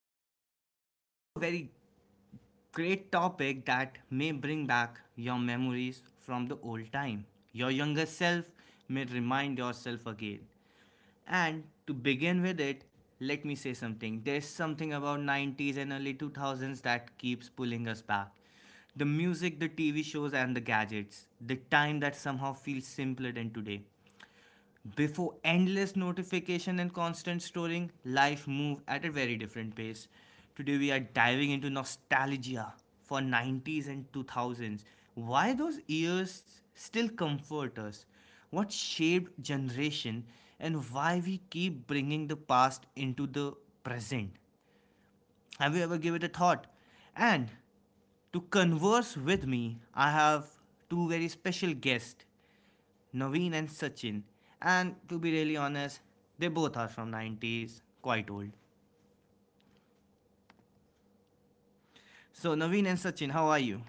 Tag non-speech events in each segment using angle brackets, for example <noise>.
and I have a very great topic that may bring back your memories from the old time. Your younger self may remind yourself again. And to begin with it, let me say something. There's something about 90s and early 2000s that keeps pulling us back. The music, the TV shows, and the gadgets. The time that somehow feels simpler than today. Before endless notification and constant storing, life moved at a very different pace. Today we are diving into nostalgia for 90s and 2000s. Why those years still comfort us? What shaped generation and why we keep bringing the past into the present? Have you ever given it a thought? And to converse with me, I have two very special guests, Naveen and Sachin. And to be really honest, they both are from 90s, quite old. So Naveen and Sachin, how are you?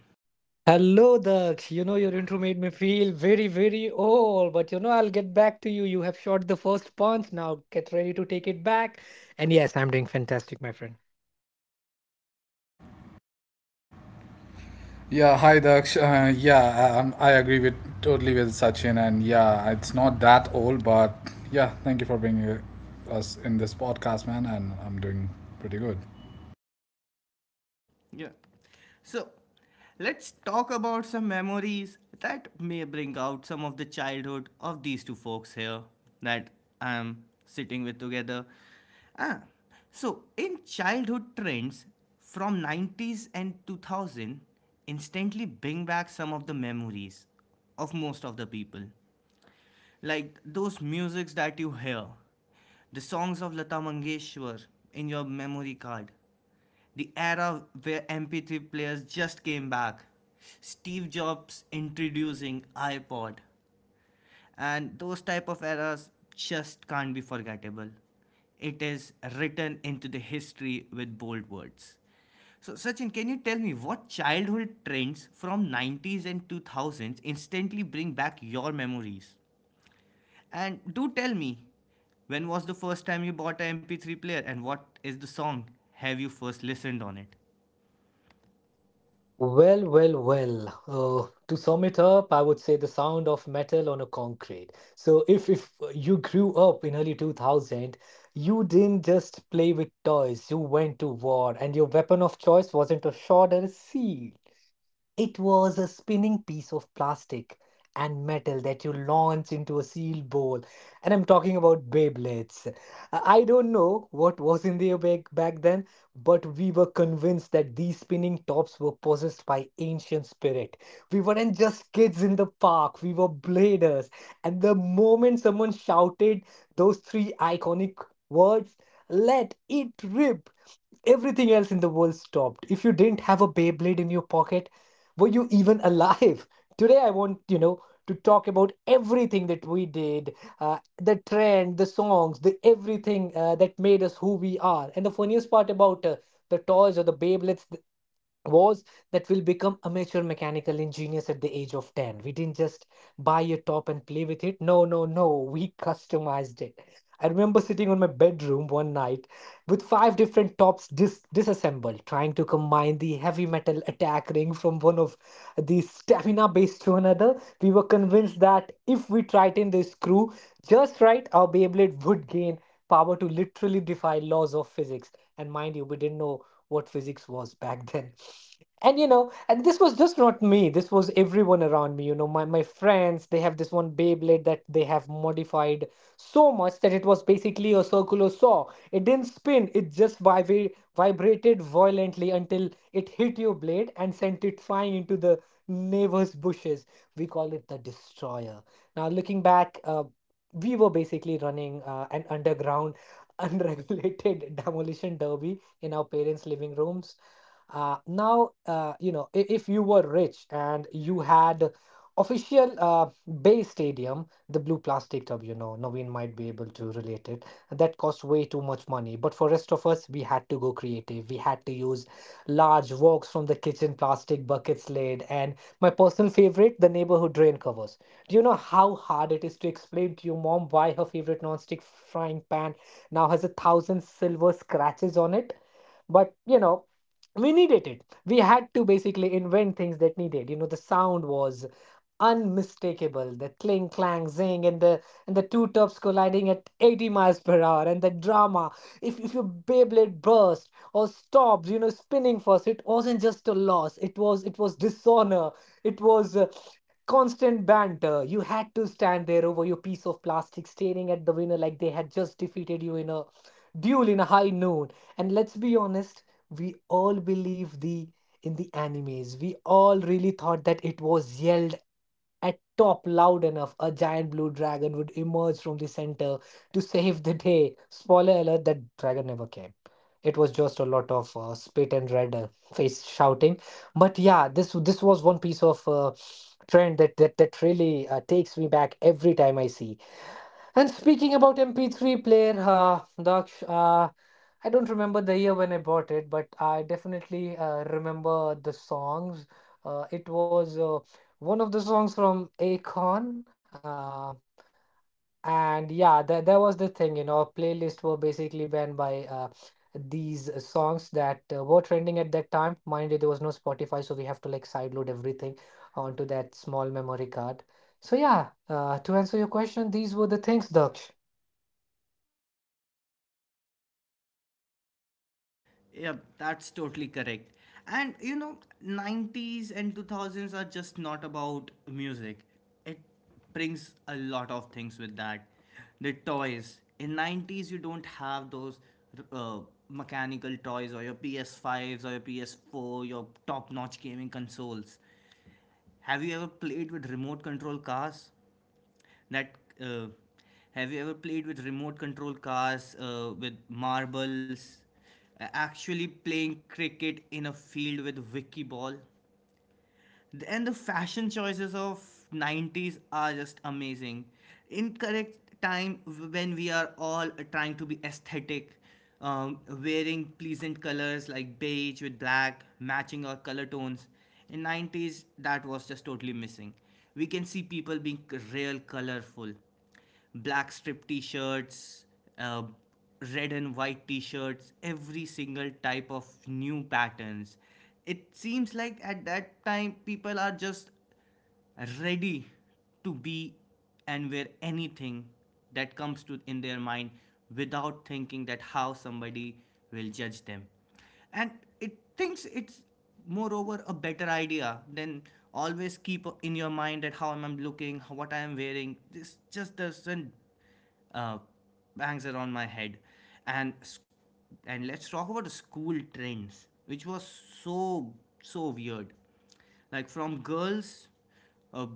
Yeah, hi Daksh. Yeah, I agree with totally with Sachin, and it's not that old, but yeah, thank you for bringing us in this podcast, man. And I'm doing pretty good. Yeah. So let's talk about some memories that may bring out some of the childhood of these two folks here that I am sitting with together. Ah, so in childhood trends from 90s and 2000 instantly bring back some of the memories of most of the people, like those musics that you hear, the songs of Lata Mangeshwar in your memory card, the era where MP3 players just came back, Steve Jobs introducing iPod, and those type of eras just can't be forgettable. It is written into the history with bold words. So, Sachin, can you tell me what childhood trends from 90s and 2000s instantly bring back your memories? And do tell me, when was the first time you bought a MP3 player and what is the song have you first listened on it? Yep, that's totally correct. And you know, 90s and 2000s are just not about music. It brings a lot of things with that. The toys. In 90s you don't have those uh, mechanical toys or your PS5s or your PS4, your top-notch gaming consoles. Have you ever played with remote control cars? That uh, have you ever played with remote control cars with marbles? Actually playing cricket in a field with wiki ball? And the fashion choices of 90s are just amazing, incorrect time when we are all trying to be aesthetic, wearing pleasant colors like beige with black matching our color tones. In 90s that was just totally missing. We can see people being real colorful, black strip t-shirts, uh, red and white t-shirts, every single type of new patterns. It seems like at that time people are just ready to be and wear anything that comes to in their mind, without thinking that how somebody will judge them. And it thinks it's moreover a better idea than always keep in your mind that how am I looking, what I am wearing. This just doesn't uh, bangs around my head. And and let's talk about the school trends which was so so weird, like from girls uh,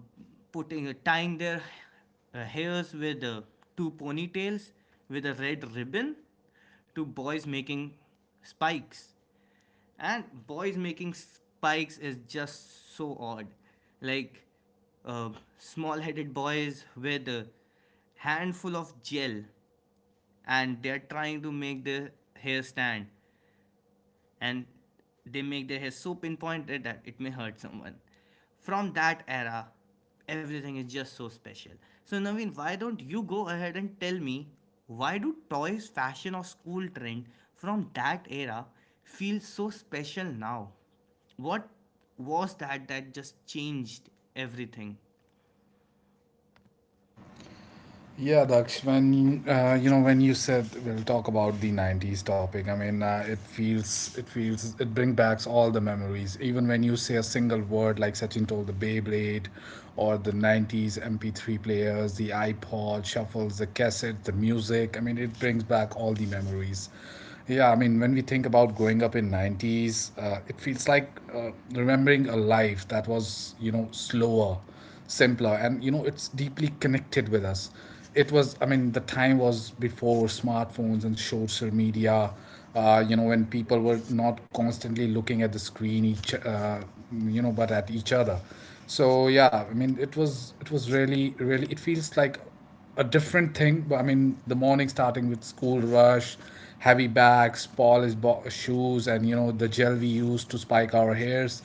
putting, tying their hairs with two ponytails with a red ribbon, to boys making spikes. And boys making spikes is just so odd. Like, uh, small headed boys with a handful of gel and they're trying to make the hair stand, and they make their hair so pinpointed that it may hurt someone. From that era, everything is just so special. So Naveen, why don't you go ahead and tell me why do toys, fashion, or school trend from that era feel so special now? What was that that just changed everything? Yeah, Daksh, when when you said we'll talk about the '90s topic, it feels it brings back all the memories. Even when you say a single word like Sachin told the Beyblade, or the '90s MP3 players, the iPod shuffles, the cassettes, the music. I mean it brings back all the memories. Yeah, I mean, when we think about growing up in 90s, it feels like remembering a life that was, you know, slower, simpler, and you know it's deeply connected with us. It was, I mean, the time was before smartphones and social media. You know, when people were not constantly looking at the screen, each but at each other. So yeah, I mean it was really really, it feels like a different thing. But I mean, the morning starting with school rush, heavy bags, shoes, and you know the gel we use to spike our hairs.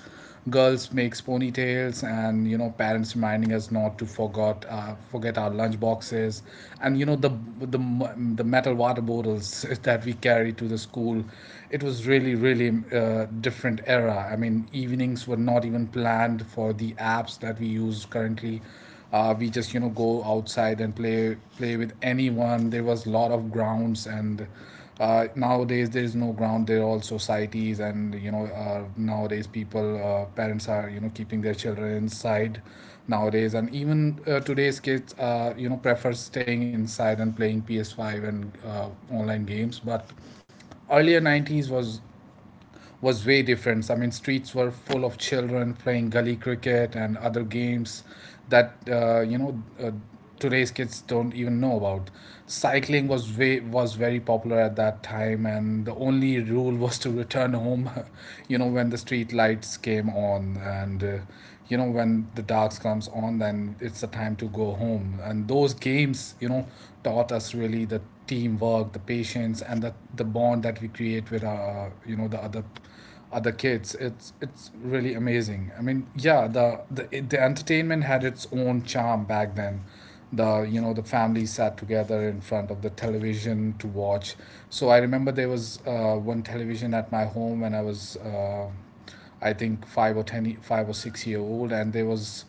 Girls makes ponytails, and you know parents reminding us not to forgot forget our lunch boxes, and you know the the metal water bottles <laughs> that we carry to the school. It was really really different era. I mean, evenings were not even planned for the apps that we use currently. We just, you know, go outside and play with anyone. There was a lot of grounds, and nowadays there is no ground, there are all societies. And nowadays people parents are, you know, keeping their children inside nowadays. And even today's kids, you know, prefer staying inside and playing ps5 and online games. But earlier 90s was way different. I mean, streets were full of children playing gully cricket and other games that today's kids don't even know about. Cycling was very popular at that time, and the only rule <laughs> was to return home, <laughs> you know, when the street lights came on. And you know, when the darks comes on, then it's the time to go home. And those games, you know, taught us really the teamwork, the patience, and the bond that we create with our, you know, the other kids. It's really amazing. I mean, yeah, the entertainment had its own charm back then. The, you know, the family sat together in front of the television to watch. So I remember there was one television at my home when I was I think 5 or 6 year old. And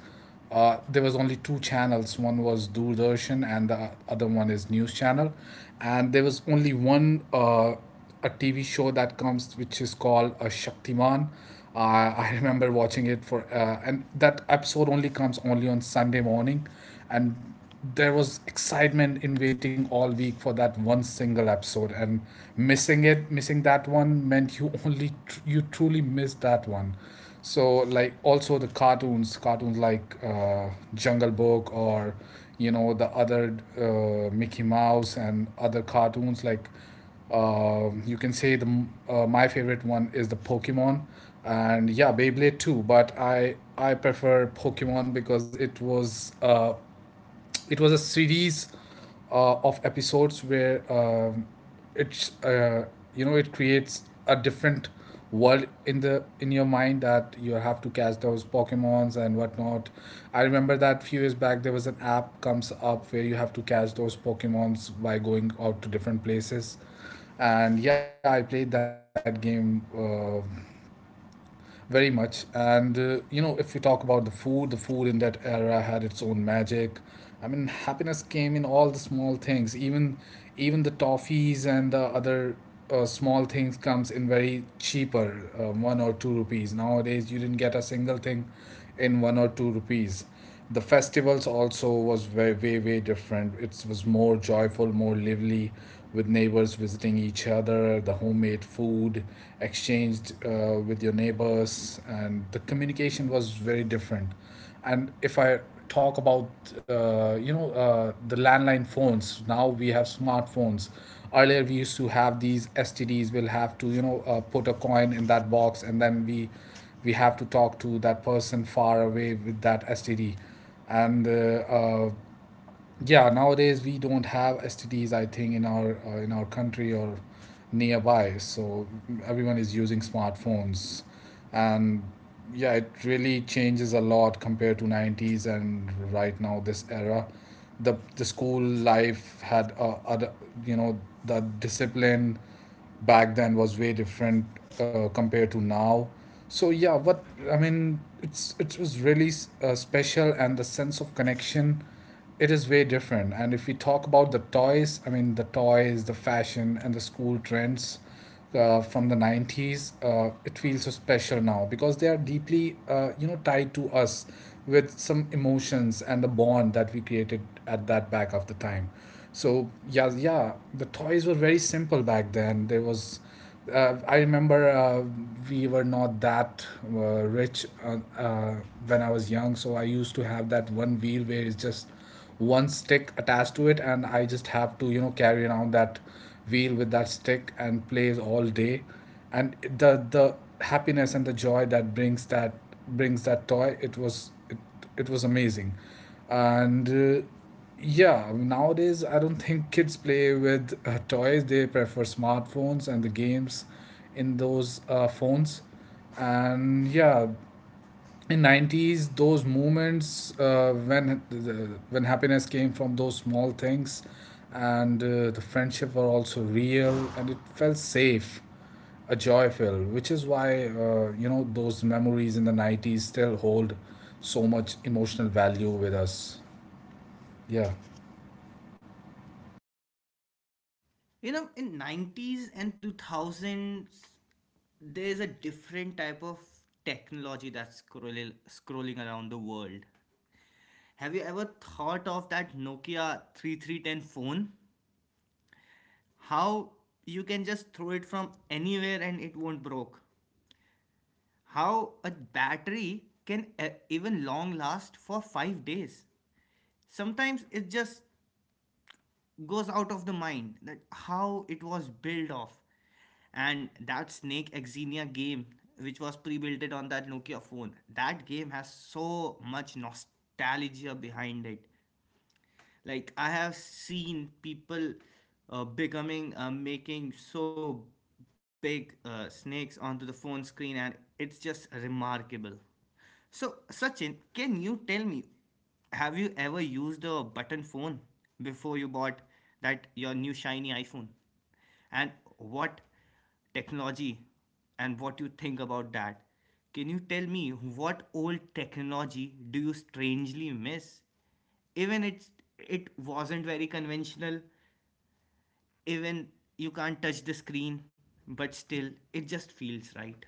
there was only two channels. One was Doordarshan, and the other one is news channel. And there was only one a TV show that comes which is called a Shaktiman. I <laughs> remember watching it and that episode only comes only on Sunday morning. And there was excitement in waiting all week for that one single episode. And missing that one meant you only you truly missed that one. So, like, also the cartoons like Jungle Book, or you know the other Mickey Mouse and other cartoons like, you can say my favorite one is the Pokemon, and yeah, Beyblade too. But I prefer Pokemon because it was a series of episodes where it's you know, it creates a different world in the, in your mind, that you have to catch those pokemons and whatnot. I remember that few years back there was an app comes up where you have to catch those pokemons by going out to different places. And yeah, I played that game very much. And you know, if you talk about the food in that era had its own magic. I mean, happiness came in all the small things, even the toffees and the other small things comes in very cheaper, one or two rupees. Nowadays, you didn't get a single thing in one or two rupees. The festivals also was very way different. It was more joyful, more lively, with neighbors visiting each other, the homemade food exchanged with your neighbors. And the communication was very different. And if I talk about the landline phones, now we have smartphones. Earlier we used to have these STDs. We'll have to, you know, put a coin in that box, and then we have to talk to that person far away with that STD. And yeah, nowadays we don't have STDs, I think, in our country or nearby. So everyone is using smartphones. And yeah, it really changes a lot compared to 90s and right now this era. The school life had other, you know, the discipline back then was way different compared to now. So yeah, what I mean, it was really special. And the sense of connection, it is way different. And if we talk about the toys, I mean, the toys, the fashion, and the school trends from the 90s, it feels so special now because they are deeply, you know, tied to us with some emotions and the bond that we created at that back of the time. So yeah, yeah, the toys were very simple back then. There was I remember we were not that rich when I was young. So I used to have that one wheel where it's just one stick attached to it, and I just have to, you know, carry around that wheel with that stick, and plays all day. And the happiness and the joy that brings that toy, it was amazing. And yeah, nowadays I don't think kids play with toys, they prefer smartphones and the games in those phones. And yeah, in 90s those moments when when happiness came from those small things. And the friendship were also real, and it felt safe, a joy fill, which is why, you know, those memories in the 90s still hold so much emotional value with us. Yeah. You know, in 90s and 2000s, there's a different type of technology that's scrolling, scrolling around the world. Have you ever thought of that Nokia 3310 phone? How you can just throw it from anywhere and it won't broke. How a battery can even long last for 5 days. Sometimes it just goes out of the mind that how it was built off. And that Snake Exenia game which was pre-built on that Nokia phone, that game has so much nostalgia behind it. Like I have seen people becoming making so big snakes onto the phone screen, and it's just remarkable. So Sachin, can you tell me, have you ever used a button phone before you bought that your new shiny iPhone? And what technology and what you think about that? Can you tell me what old technology do you strangely miss? Even it's, it wasn't very conventional, even you can't touch the screen, but still it just feels right.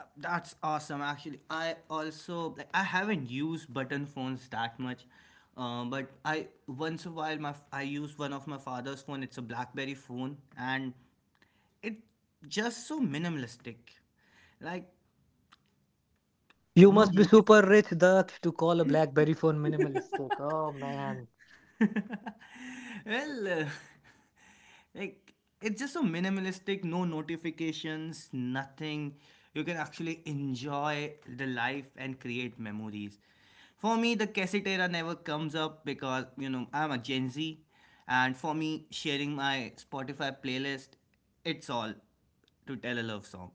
That's awesome, actually. I also like, I haven't used button phones that much, but I, once a while my, I use one of my father's phone. It's a BlackBerry phone, and it's just so minimalistic, like no motive. <laughs> Well, like it's just so minimalistic, no notifications, nothing. You can actually enjoy the life and create memories. For me, the cassette era never comes up because you know I'm a Gen Z, and for me, sharing my Spotify playlist, it's all to tell a love song.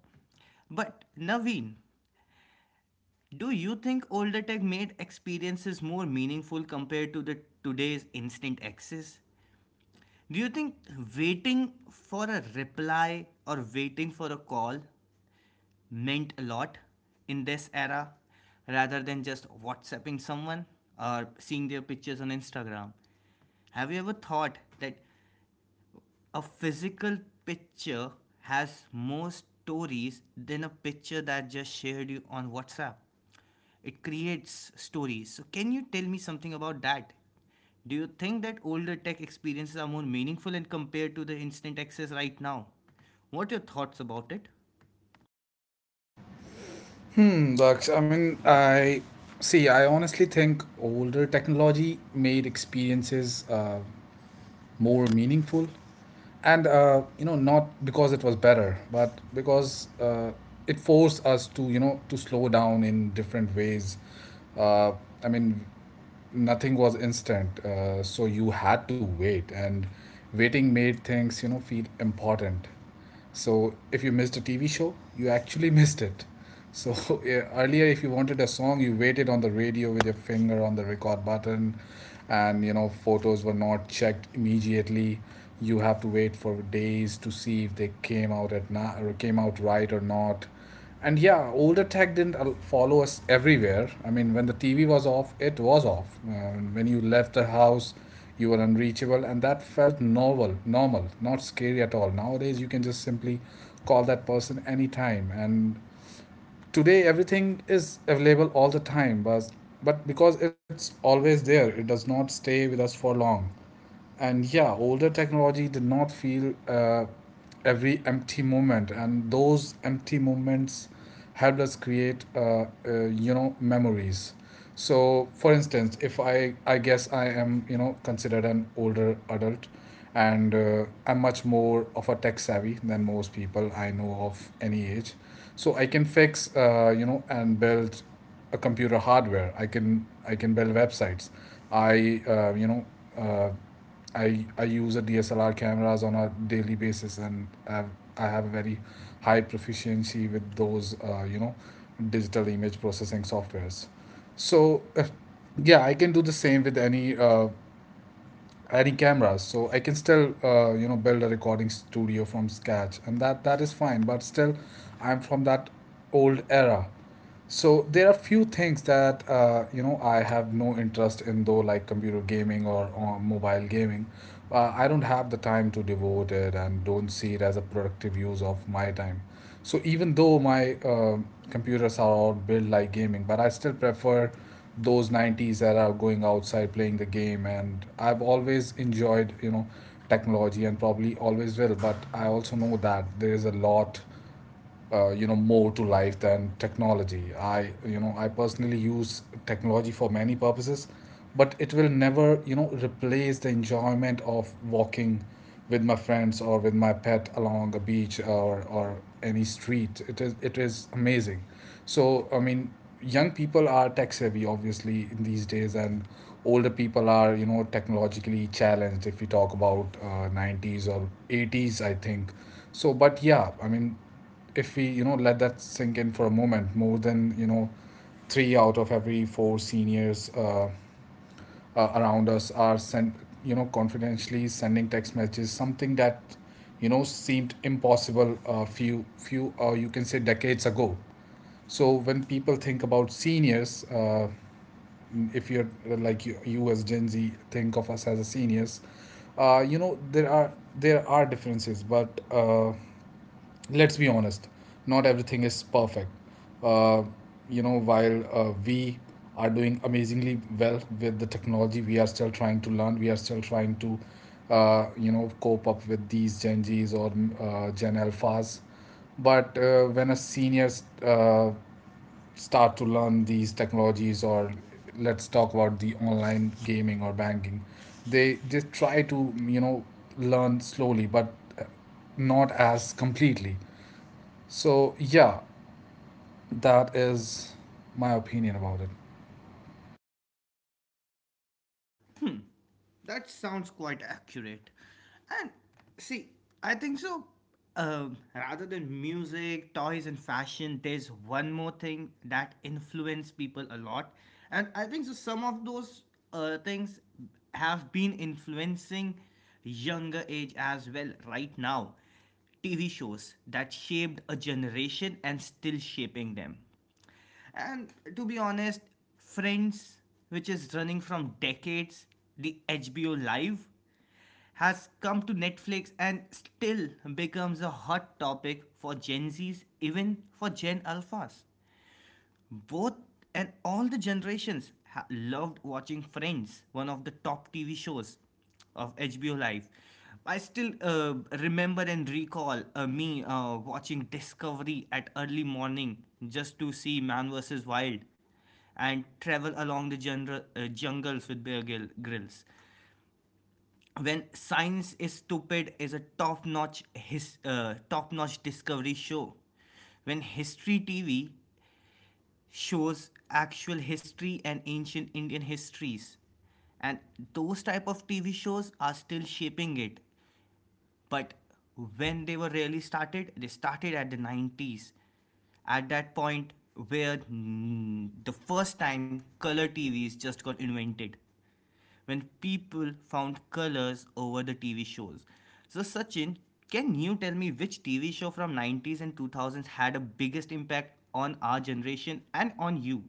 But Naveen, do you think older tech made experiences more meaningful compared to the today's instant access? Do you think waiting for a reply or waiting for a call meant a lot in this era rather than just WhatsApping someone or seeing their pictures on Instagram? Have you ever thought that a physical picture has more stories than a picture that just shared you on WhatsApp. It creates stories. So, can you tell me something about that? Do you think that older tech experiences are more meaningful and compared to the instant access right now? What are your thoughts about it? Hmm. Daksh, I mean, I see, I honestly think older technology made experiences more meaningful. And you know, not because it was better, but because it forced us to, you know, to slow down in different ways. uh, I mean, nothing was instant. So you had to wait, and waiting made things, you know, feel important. So if you missed a TV show, you actually <laughs> missed it. So <laughs> yeah, earlier, if you wanted a song, you waited on the radio with your finger on the record button. And you know, photos were not checked immediately. You have to wait for days to see if they came out or came out right or not. And yeah, older tech didn't follow us everywhere. I mean, when the TV was off, it was off. When you left the house, you were unreachable, and that felt normal, normal, not scary at all. Nowadays, you can just simply call that person anytime. And today, everything is available all the time, but because it's always there, it does not stay with us for long. And yeah, older technology did not feel every empty moment, and those empty moments helped us create you know, memories. So for instance, if I guess I am, you know, considered an older adult. And I'm much more of a tech savvy than most people I know of any age. So I can fix, you know, and build a computer hardware. I can build websites. I uh, you know uh, I I use a DSLR cameras on a daily basis, and I have a very high proficiency with those you know, digital image processing softwares. So yeah, I can do the same with any cameras. So I can still, you know, build a recording studio from scratch, and that is fine. But still, I'm from that old era, so there are few things that I have no interest in though, like computer gaming or mobile gaming. I don't have the time to devote it and don't see it as a productive use of my time. So even though my computers are all built like gaming, but I still prefer those 90s that are going outside playing the game. And I've always enjoyed technology and probably always will, but I also know that there is a lot more to life than technology. I you know i personally use technology for many purposes, but it will never replace the enjoyment of walking with my friends or with my pet along a beach, or any street. It is amazing. So I mean, young people are tech savvy obviously in these days, and older people are, you know, technologically challenged if we talk about 90s or 80s, I think. So but yeah, I mean, if we, you know, let that sink in for a moment, more than, you know, three out of every four seniors around us are sent, you know, confidentially sending text messages, something that, you know, seemed impossible a few or you can say decades ago. So when people think about seniors, if you're like you as Gen Z, think of us as a seniors, you know, there are differences, but let's be honest, not everything is perfect. Uh, you know, while we are doing amazingly well with the technology, we are still trying to learn, we are still trying to you know, cope up with these Gen Zs or Gen Alphas. But when a seniors start to learn these technologies, or let's talk about the online gaming or banking, they try to, you know, learn slowly, but uh, not as completely. So yeah, that is my opinion about it. That sounds quite accurate. And see, I think so. Rather than music, toys, and fashion, there's one more thing that influence people a lot, and I think so. Some of those things have been influencing younger age as well. Right now, TV shows that shaped a generation and still shaping them. And to be honest, Friends, which is running from decades, the HBO Live, has come to Netflix and still becomes a hot topic for Gen Zs, even for Gen Alphas, both, and all the generations loved watching friends, one of the top TV shows of HBO Live. I still remember and recall me watching Discovery at early morning just to see Man vs Wild and travel along the jungles with bear Grill- grills. When Science is Stupid is a top-notch Discovery show. When History TV shows actual history and ancient Indian histories. And those type of TV shows are still shaping it. But when they were really started, they started at the 90s. At that point where the first time color TVs just got invented, when people found colors over the TV shows. So Sachin, can you tell me which TV show from 90s and 2000s had a biggest impact on our generation and on you?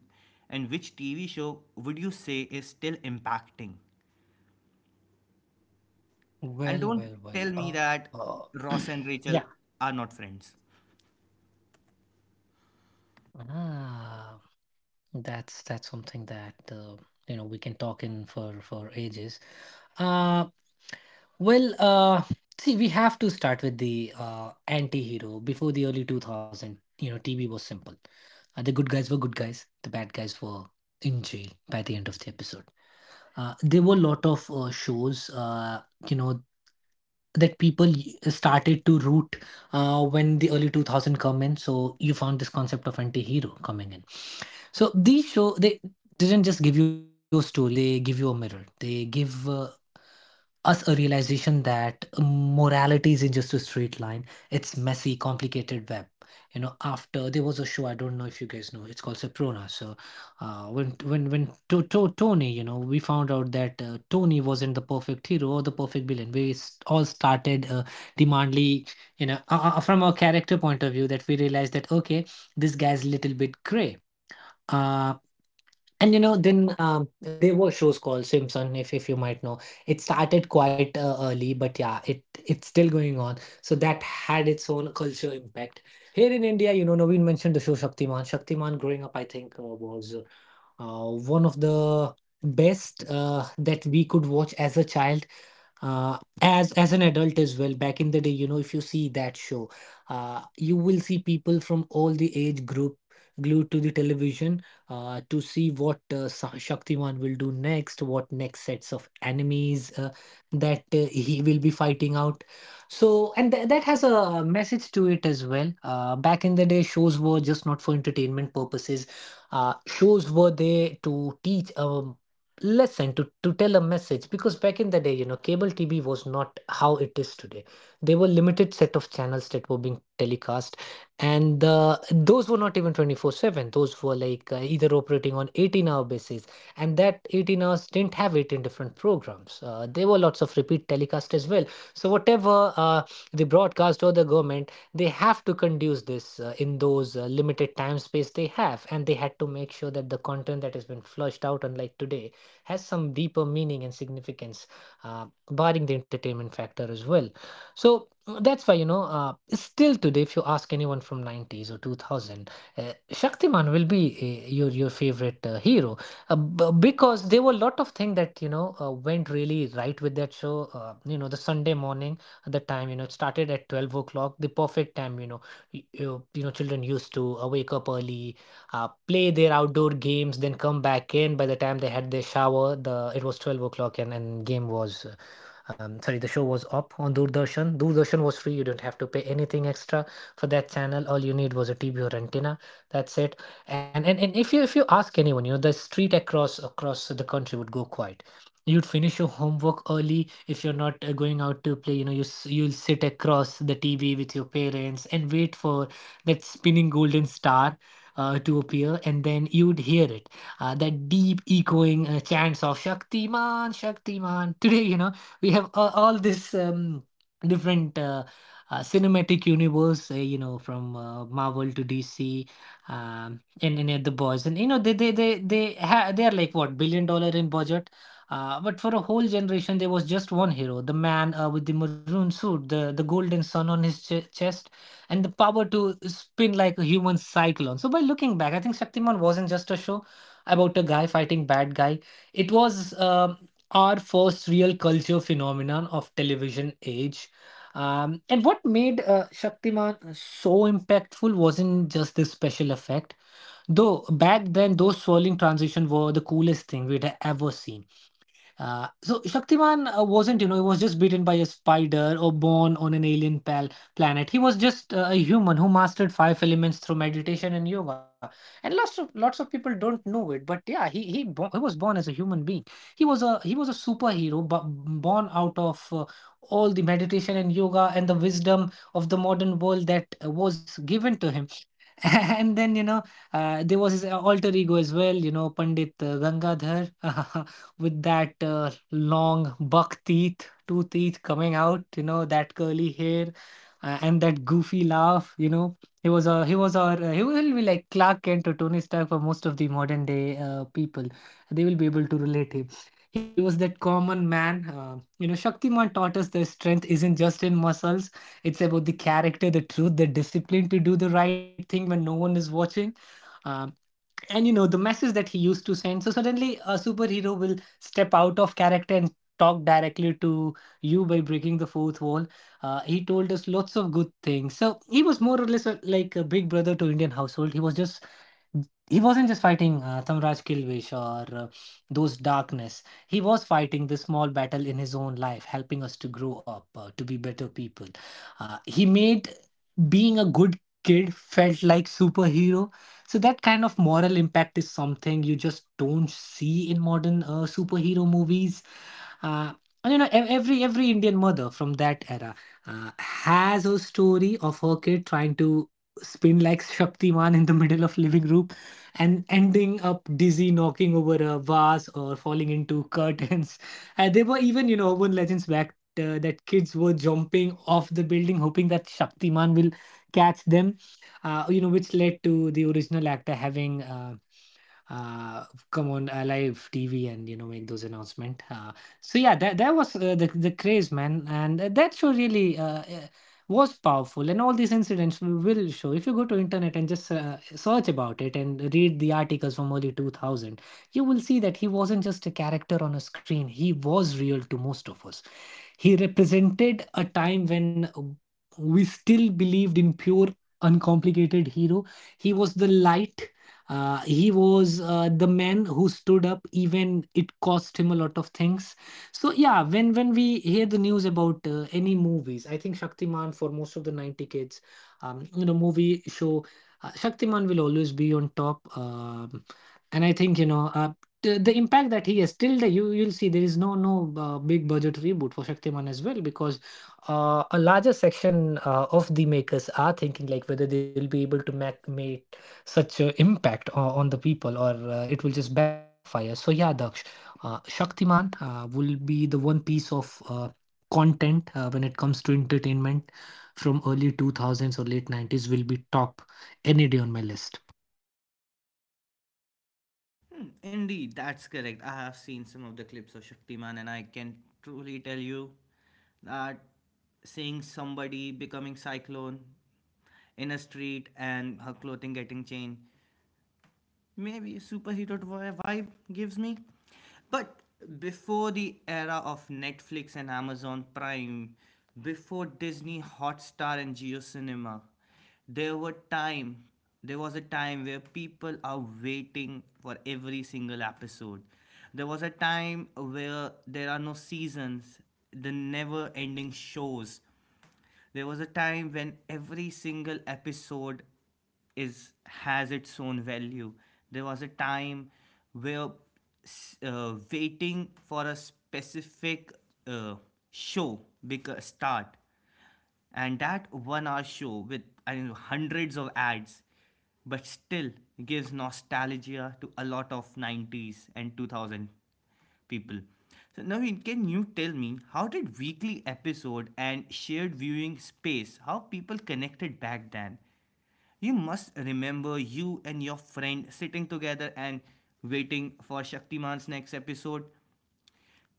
And which TV show would you say is still impacting? And don't tell me that Ross and Rachel are not friends. Hmm, indeed, that's correct. I have seen some of the clips of Shaktiman, and I can truly tell you that seeing somebody becoming Cyclone in a street and her clothing getting changed. Maybe superhero vibe gives me. But before the era of Netflix and Amazon Prime, before Disney Hotstar and Geo Cinema, there were time there was a time where people are waiting for every single episode. There was a time where there are no seasons, the never ending shows. There was a time when every single episode is has its own value. There was a time where waiting for a specific uh, show because start, and that one hour show with I don't know, hundreds of ads, but still gives nostalgia to a lot of 90s and 2000 people. So now can you tell me how did weekly episode and shared viewing space how people connected back then? You must remember you and your friend sitting together and waiting for Shaktiman's next episode.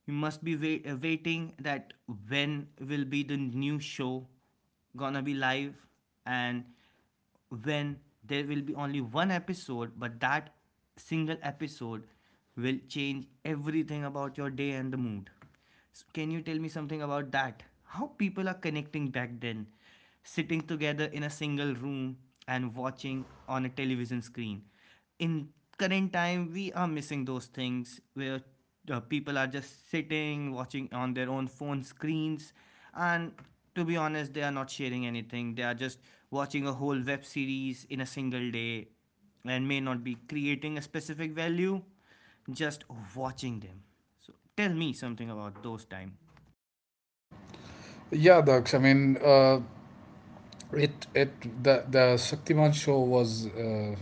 You must be waiting that when will be the new show gonna be live. And when there will be only one episode, but that single episode will change everything about your day and the mood. So can you tell me something about that? How people are connecting back then, sitting together in a single room and watching on a television screen. In current time we are missing those things where people are just sitting watching on their own phone screens, and to be honest they are not sharing anything, they are just watching a whole web series in a single day, and may not be creating a specific value, just watching them. So tell me something about those time. Yeah, Daksh. I mean, it it the Shaktiman show was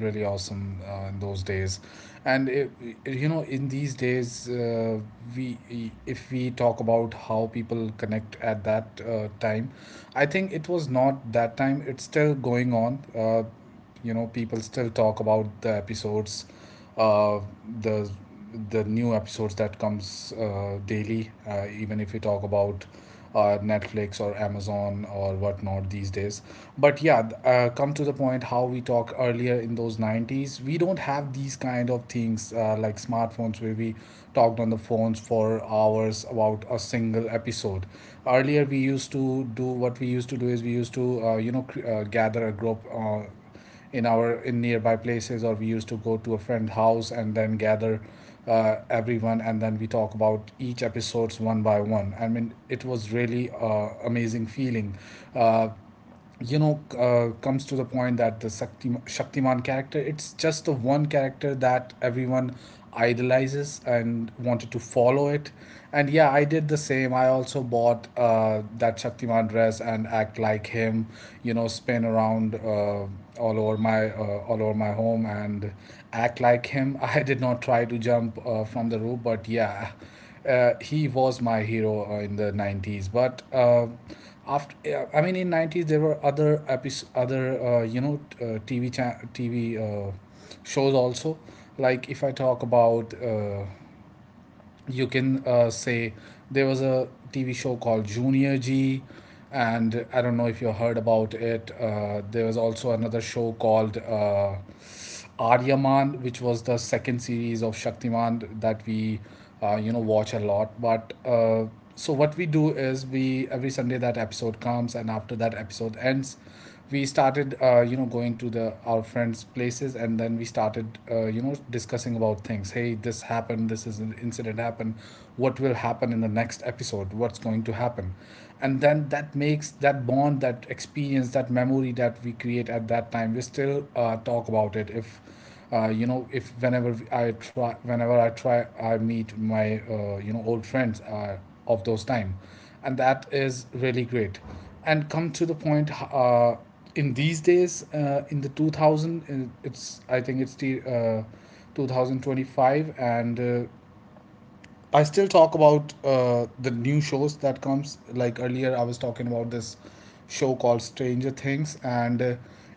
really awesome in those days, and you know, in these days, we, if we talk about how people connect at that time, I think it was not that time. It's still going on. You know, people still talk about the episodes, uh, the the new episodes that comes daily, even if we talk about Netflix or Amazon or whatnot these days. But yeah, come to the point, how we talk earlier. In those 90s, we don't have these kind of things, like smartphones, where we talked on the phones for hours about a single episode. Earlier we used to do, what we used to do is we used to gather a group in our, in nearby places, or we used to go to a friend's house and then gather everyone, and then we talk about each episodes one by one. I mean, it was really amazing feeling. uh, Comes to the point that the Shaktiman character, it's just the one character that everyone idolizes and wanted to follow it. And yeah, I did the same. I also bought that Shaktiman dress and act like him, you know, spin around all over my home and act like him. <laughs> I did not try to jump from the roof, but yeah, he was my hero in the 90s. But after, yeah, I mean, in 90s there were other episodes, other you know t- tv cha- tv shows also. Like if I talk about, you can say, there was a TV show called Junior G, and I don't know if you heard about it. There was also another show called Aryaman, which was the second series of Shaktiman that we watch a lot. But so what we do is, we every Sunday that episode comes, and after that episode ends, we started going to the our friends' places, and then we started discussing about things: hey, this happened, this is an incident happened, what will happen in the next episode, what's going to happen. And then that makes that bond, that experience, that memory that we create at that time, we still talk about it. If if whenever I try I meet my old friends of those time, and that is really great. And come to the point, in these days, in the 2000, it's, I think it's the 2025, and I still talk about the new shows that comes. Like earlier I was talking about this show called Stranger Things, and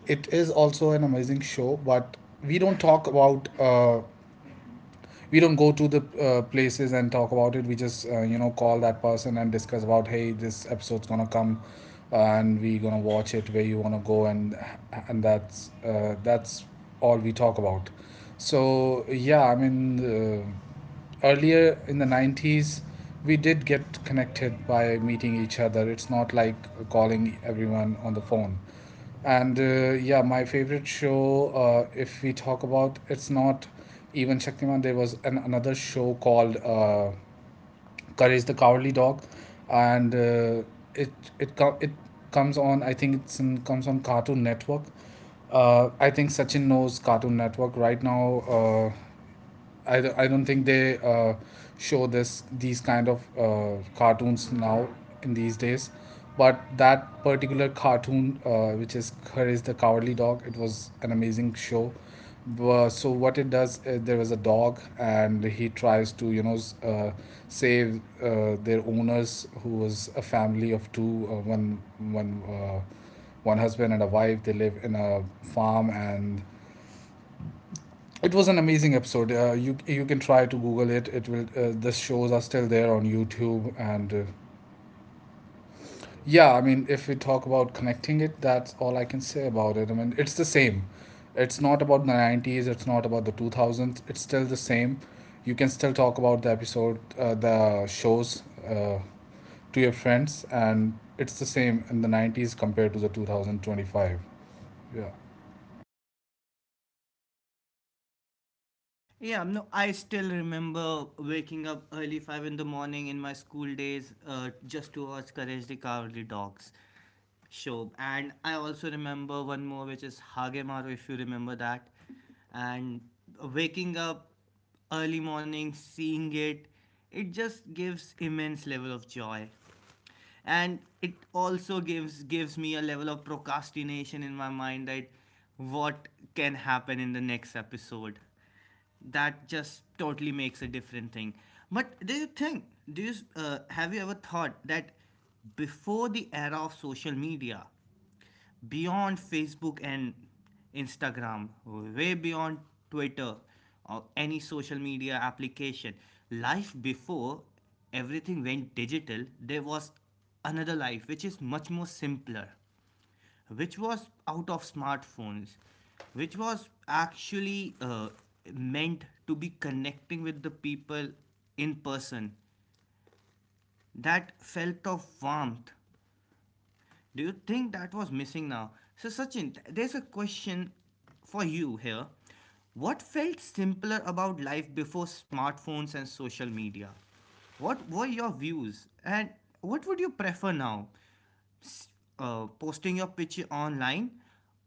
it is also an amazing show, but we don't talk about we don't go to the places and talk about it, we just call that person and discuss about, hey, this episode's gonna come, and we gonna watch it, where you wanna go. And that's all we talk about. So yeah, I mean, earlier in the 90s, we did get connected by meeting each other. It's not like calling everyone on the phone. And yeah, my favorite show, if we talk about, it's not even Shaktiman. There was an, another show called Courage the Cowardly Dog, and it it comes on. I think it's in, comes on Cartoon Network. I think Sachin knows Cartoon Network right now. I don't think they show this these kind of cartoons now in these days. But that particular cartoon, which is Courage the Cowardly Dog, it was an amazing show. So what it does, there was a dog and he tries to, you know, save their owners, who was a family of two, one husband and a wife, they live in a farm. And it was an amazing episode. You you can try to Google it. It will. The shows are still there on YouTube, and yeah, I mean, if we talk about connecting it, that's all I can say about it. I mean, it's the same. It's not about the 90s. It's not about the 2000s. It's still the same. You can still talk about the episode, the shows, uh, to your friends. And it's the same in the 90s compared to the 2025. Yeah. Yeah, no, I still remember waking up early 5 in the morning in my school days, just to watch Courage the Cowardly Dogs show. And I also remember one more, which is Hagemaru, if you remember that. And waking up early morning, seeing it, it just gives immense level of joy and it also gives me a level of procrastination in my mind that what can happen in the next episode that just totally makes a different thing. But do you think, do you have you ever thought that before the era of social media, beyond Facebook and Instagram, way beyond Twitter or any social media application. Life before everything went digital, there was another life which is much more simpler, which was out of smartphones, which was actually meant to be connecting with the people in person. That felt of warmth, do you think that was missing now? So, Sachin, there's a question for you here. What felt simpler about life before smartphones and social media? What were your views? And what would you prefer now? Posting your picture online,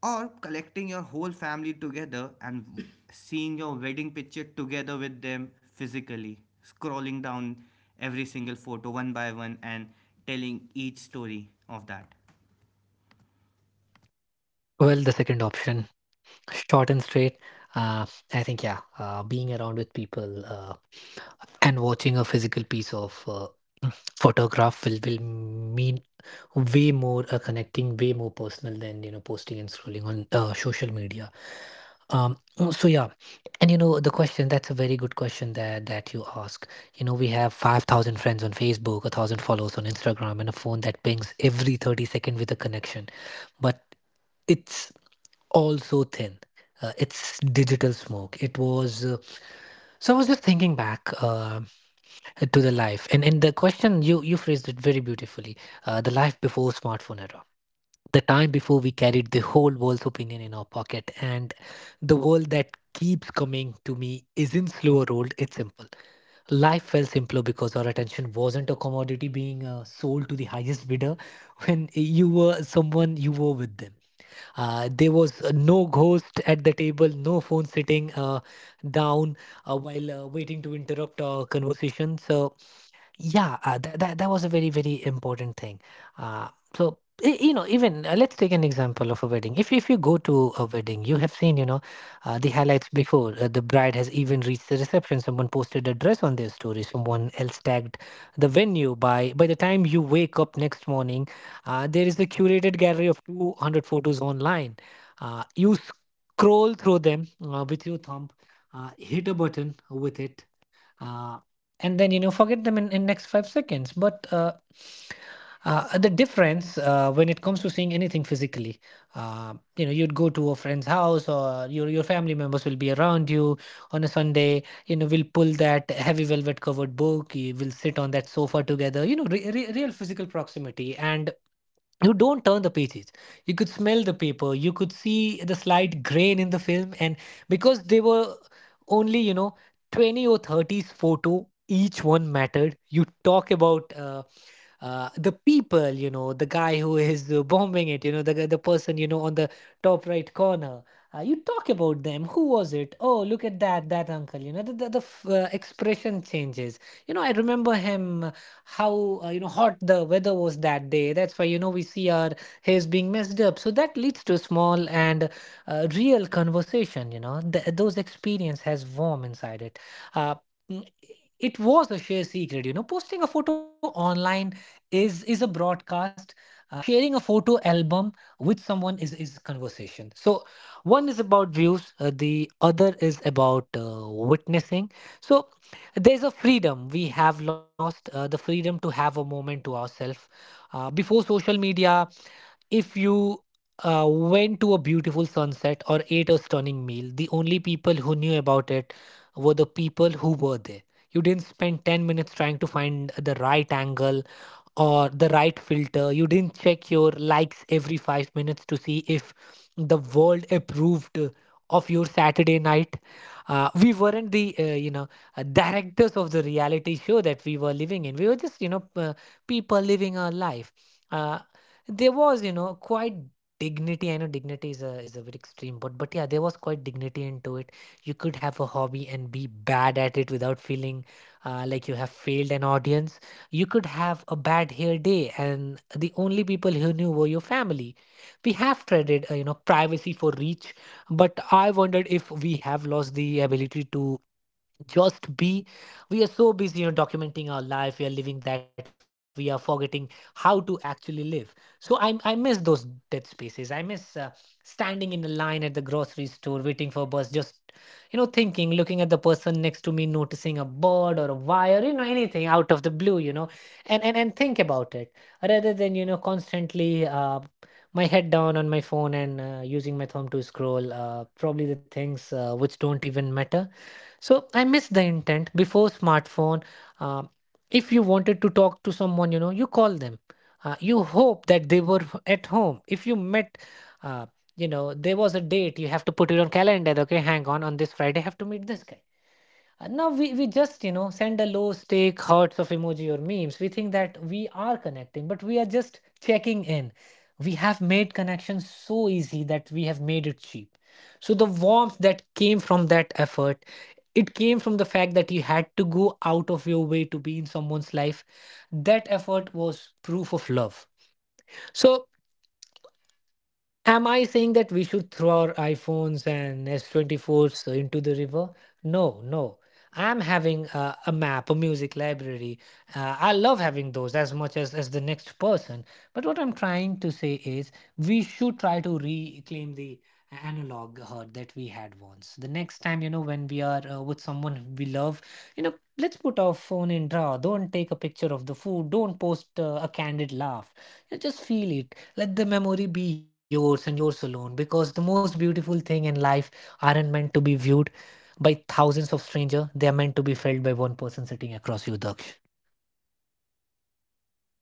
or collecting your whole family together and <coughs> seeing your wedding picture together with them physically? Scrolling down every single photo one by one and telling each story of that.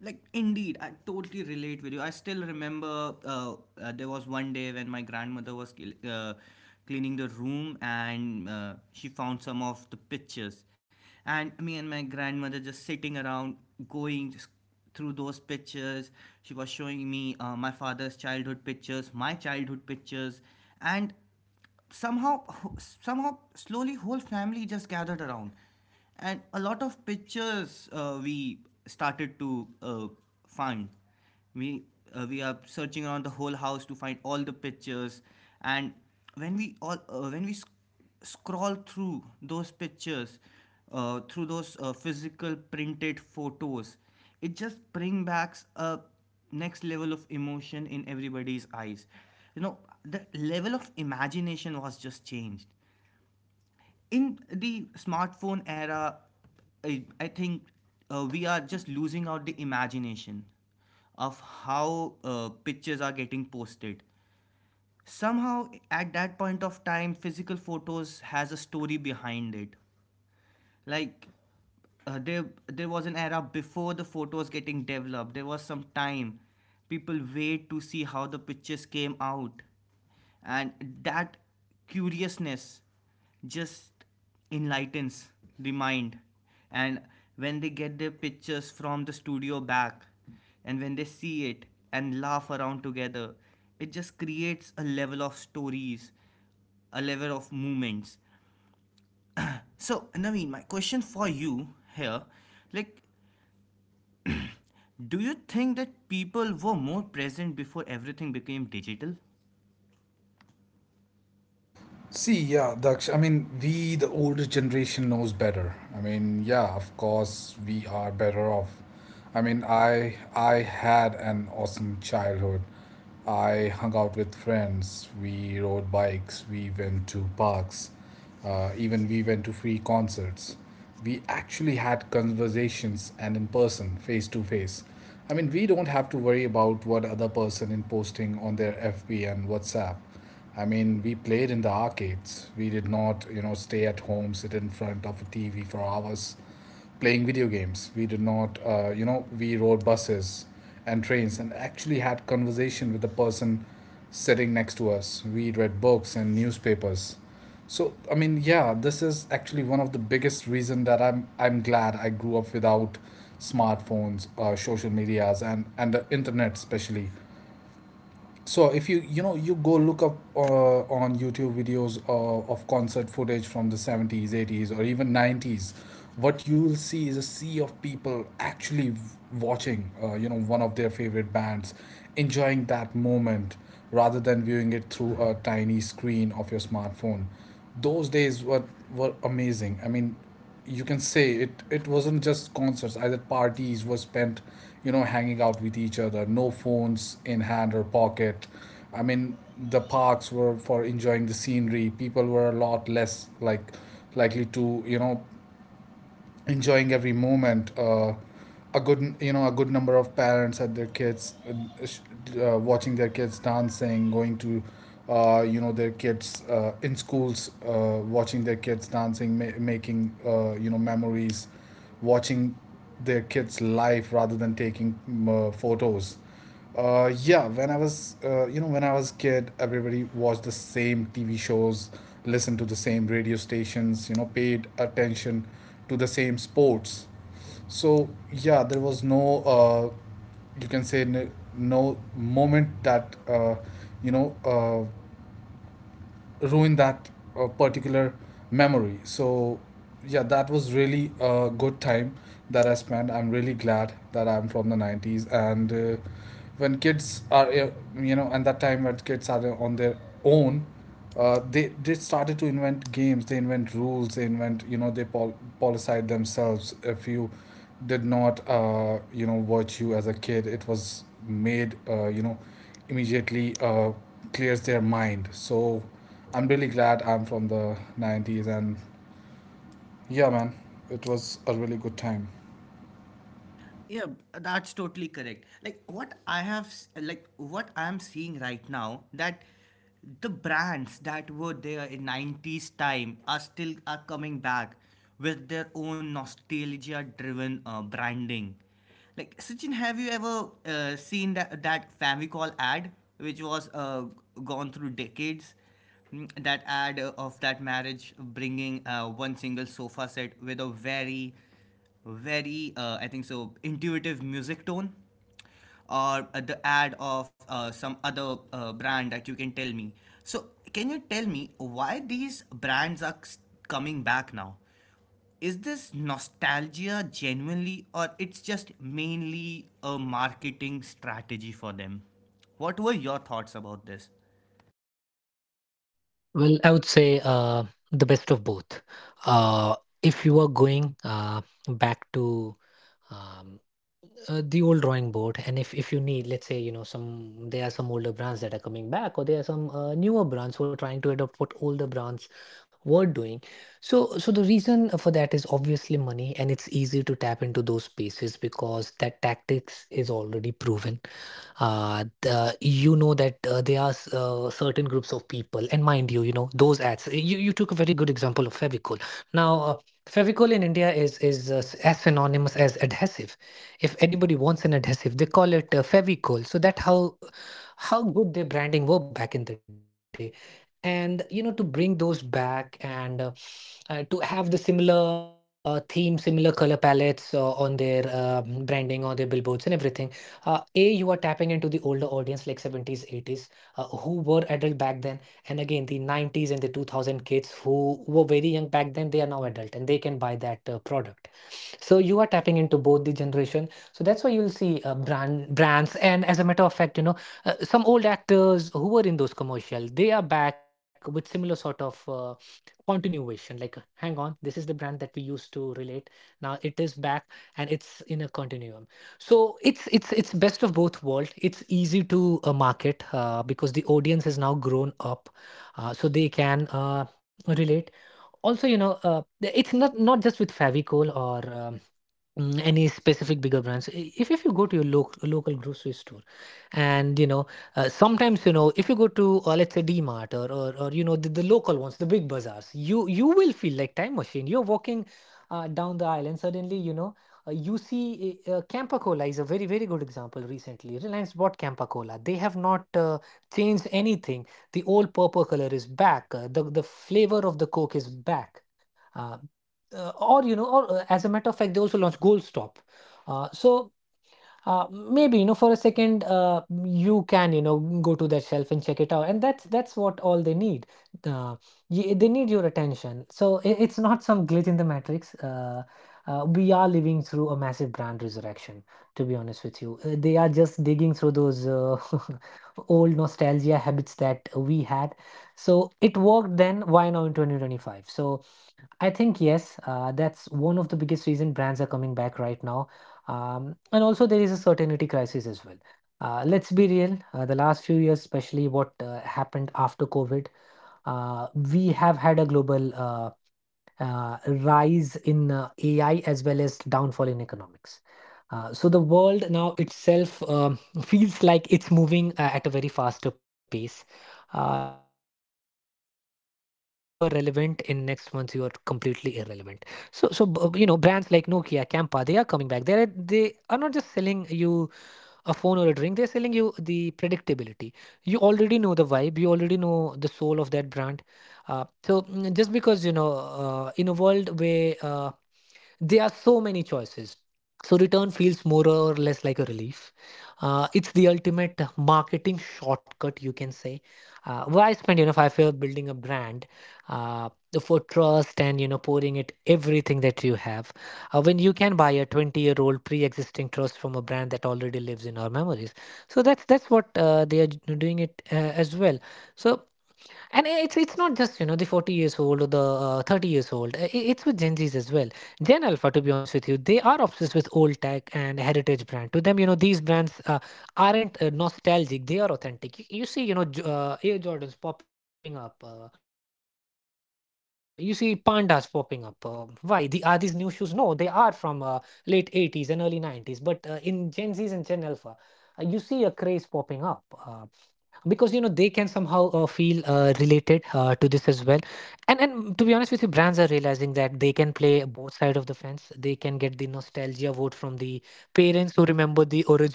Like, indeed, I totally relate with you. I still remember, there was one day when my grandmother was cleaning the room, and she found some of the pictures, and me and my grandmother just sitting around, going just through those pictures. She was showing me my father's childhood pictures, my childhood pictures. And somehow somehow slowly whole family just gathered around, and a lot of pictures we started to find. We uh, we are searching around the whole house to find all the pictures. And when we scroll through those pictures, through those physical printed photos, it just bring back a next level of emotion in everybody's eyes, you know. The level of imagination was just changed. In the smartphone era, I think we are just losing out the imagination of how pictures are getting posted. Somehow at that point of time physical photos has a story behind it. Like, there was an era before the photos getting developed. There was some time people wait to see how the pictures came out. And that curiousness just enlightens the mind. And when they get their pictures from the studio back, and when they see it and laugh around together, it just creates a level of stories, a level of moments. So, Naveen, my question for you here, like, do you think that people were more present before everything became digital? See, yeah, Daksh, I mean, we, the older generation, knows better. I mean, yeah, of course, we are better off. I mean, I had an awesome childhood. I hung out with friends. We rode bikes. We went to parks. Even we went to free concerts. We actually had conversations and in person, face to face. I mean, we don't have to worry about what other person is posting on their FB and WhatsApp. I mean, we played in the arcades. We did not, you know, stay at home, sit in front of a TV for hours playing video games. We did not, we rode buses and trains and actually had conversation with the person sitting next to us. We read books and newspapers. So, I mean, yeah, this is actually one of the biggest reason that I'm glad I grew up without smartphones, social medias, and the internet especially. So if you, you know, you go look up on YouTube videos of concert footage from the 70s, 80s or even 90s, what you will see is a sea of people actually watching one of their favorite bands, enjoying that moment rather than viewing it through a tiny screen of your smartphone. Those days were amazing. I mean, you can say it wasn't just concerts, either. Parties were spent, you know, hanging out with each other, no phones in hand or pocket. I mean, the parks were for enjoying the scenery. People were a lot less likely to, you know, enjoying every moment. A good, you know, a good number of parents had their kids watching their kids dancing, going to their kids in schools, watching their kids dancing, making memories, watching their kids live rather than taking photos. Yeah, when I was, when I was kid, everybody watched the same TV shows, listened to the same radio stations, you know, paid attention to the same sports. So yeah, there was no, you can say, no moment that you know, uh, ruin that particular memory. So yeah, that was really a good time that I spent. I'm really glad that I'm from the 90s. And when kids are and that time, when kids are on their own, they started to invent games, they invent rules, they invent, you know, they policide themselves. If you did not, watch you as a kid, it was made immediately clears their mind. So I'm really glad I'm from the 90s, and yeah, man, it was a really good time. Yeah, that's totally correct. Like, what I have, s- like what I'm seeing right now, that the brands that were there in 90s time are still are coming back with their own nostalgia-driven branding. Like Sachin, have you ever seen that Famicall ad, which was gone through decades? Mm, that ad of that marriage bringing one single sofa set with a very very I think so intuitive music tone, or the ad of some other brand that you can tell me. So can you tell me why these brands are coming back now? Is this nostalgia genuinely or it's just mainly a marketing strategy for them? What were your thoughts about this?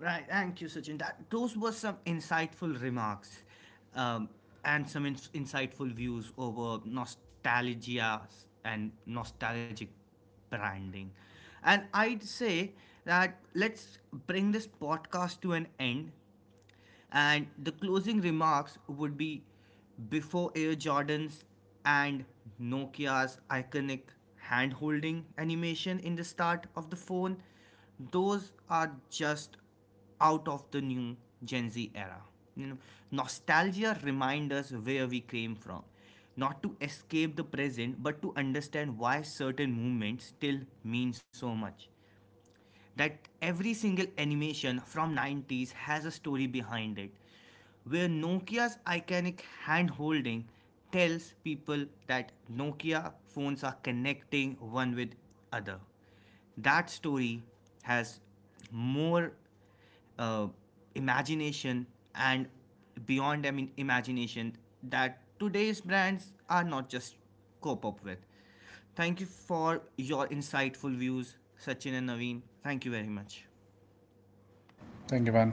Right, thank you, Sachin. That those were some insightful remarks, um, and some insightful views over nostalgia and nostalgic branding. And I'd say that let's bring this podcast to an end, and the closing remarks would be, before Air Jordans and Nokia's iconic hand holding animation in the start of the phone, those are just out of the new Gen Z era. You know, nostalgia reminds us where we came from, not to escape the present, but to understand why certain movements still mean so much. That every single animation from 90s has a story behind it, where Nokia's iconic hand holding tells people that Nokia phones are connecting one with other. That story has more uh, imagination and beyond. I mean, imagination that today's brands are not just cope up with. Thank you for your insightful views, Sachin and Naveen. Thank you very much. Thank you, man.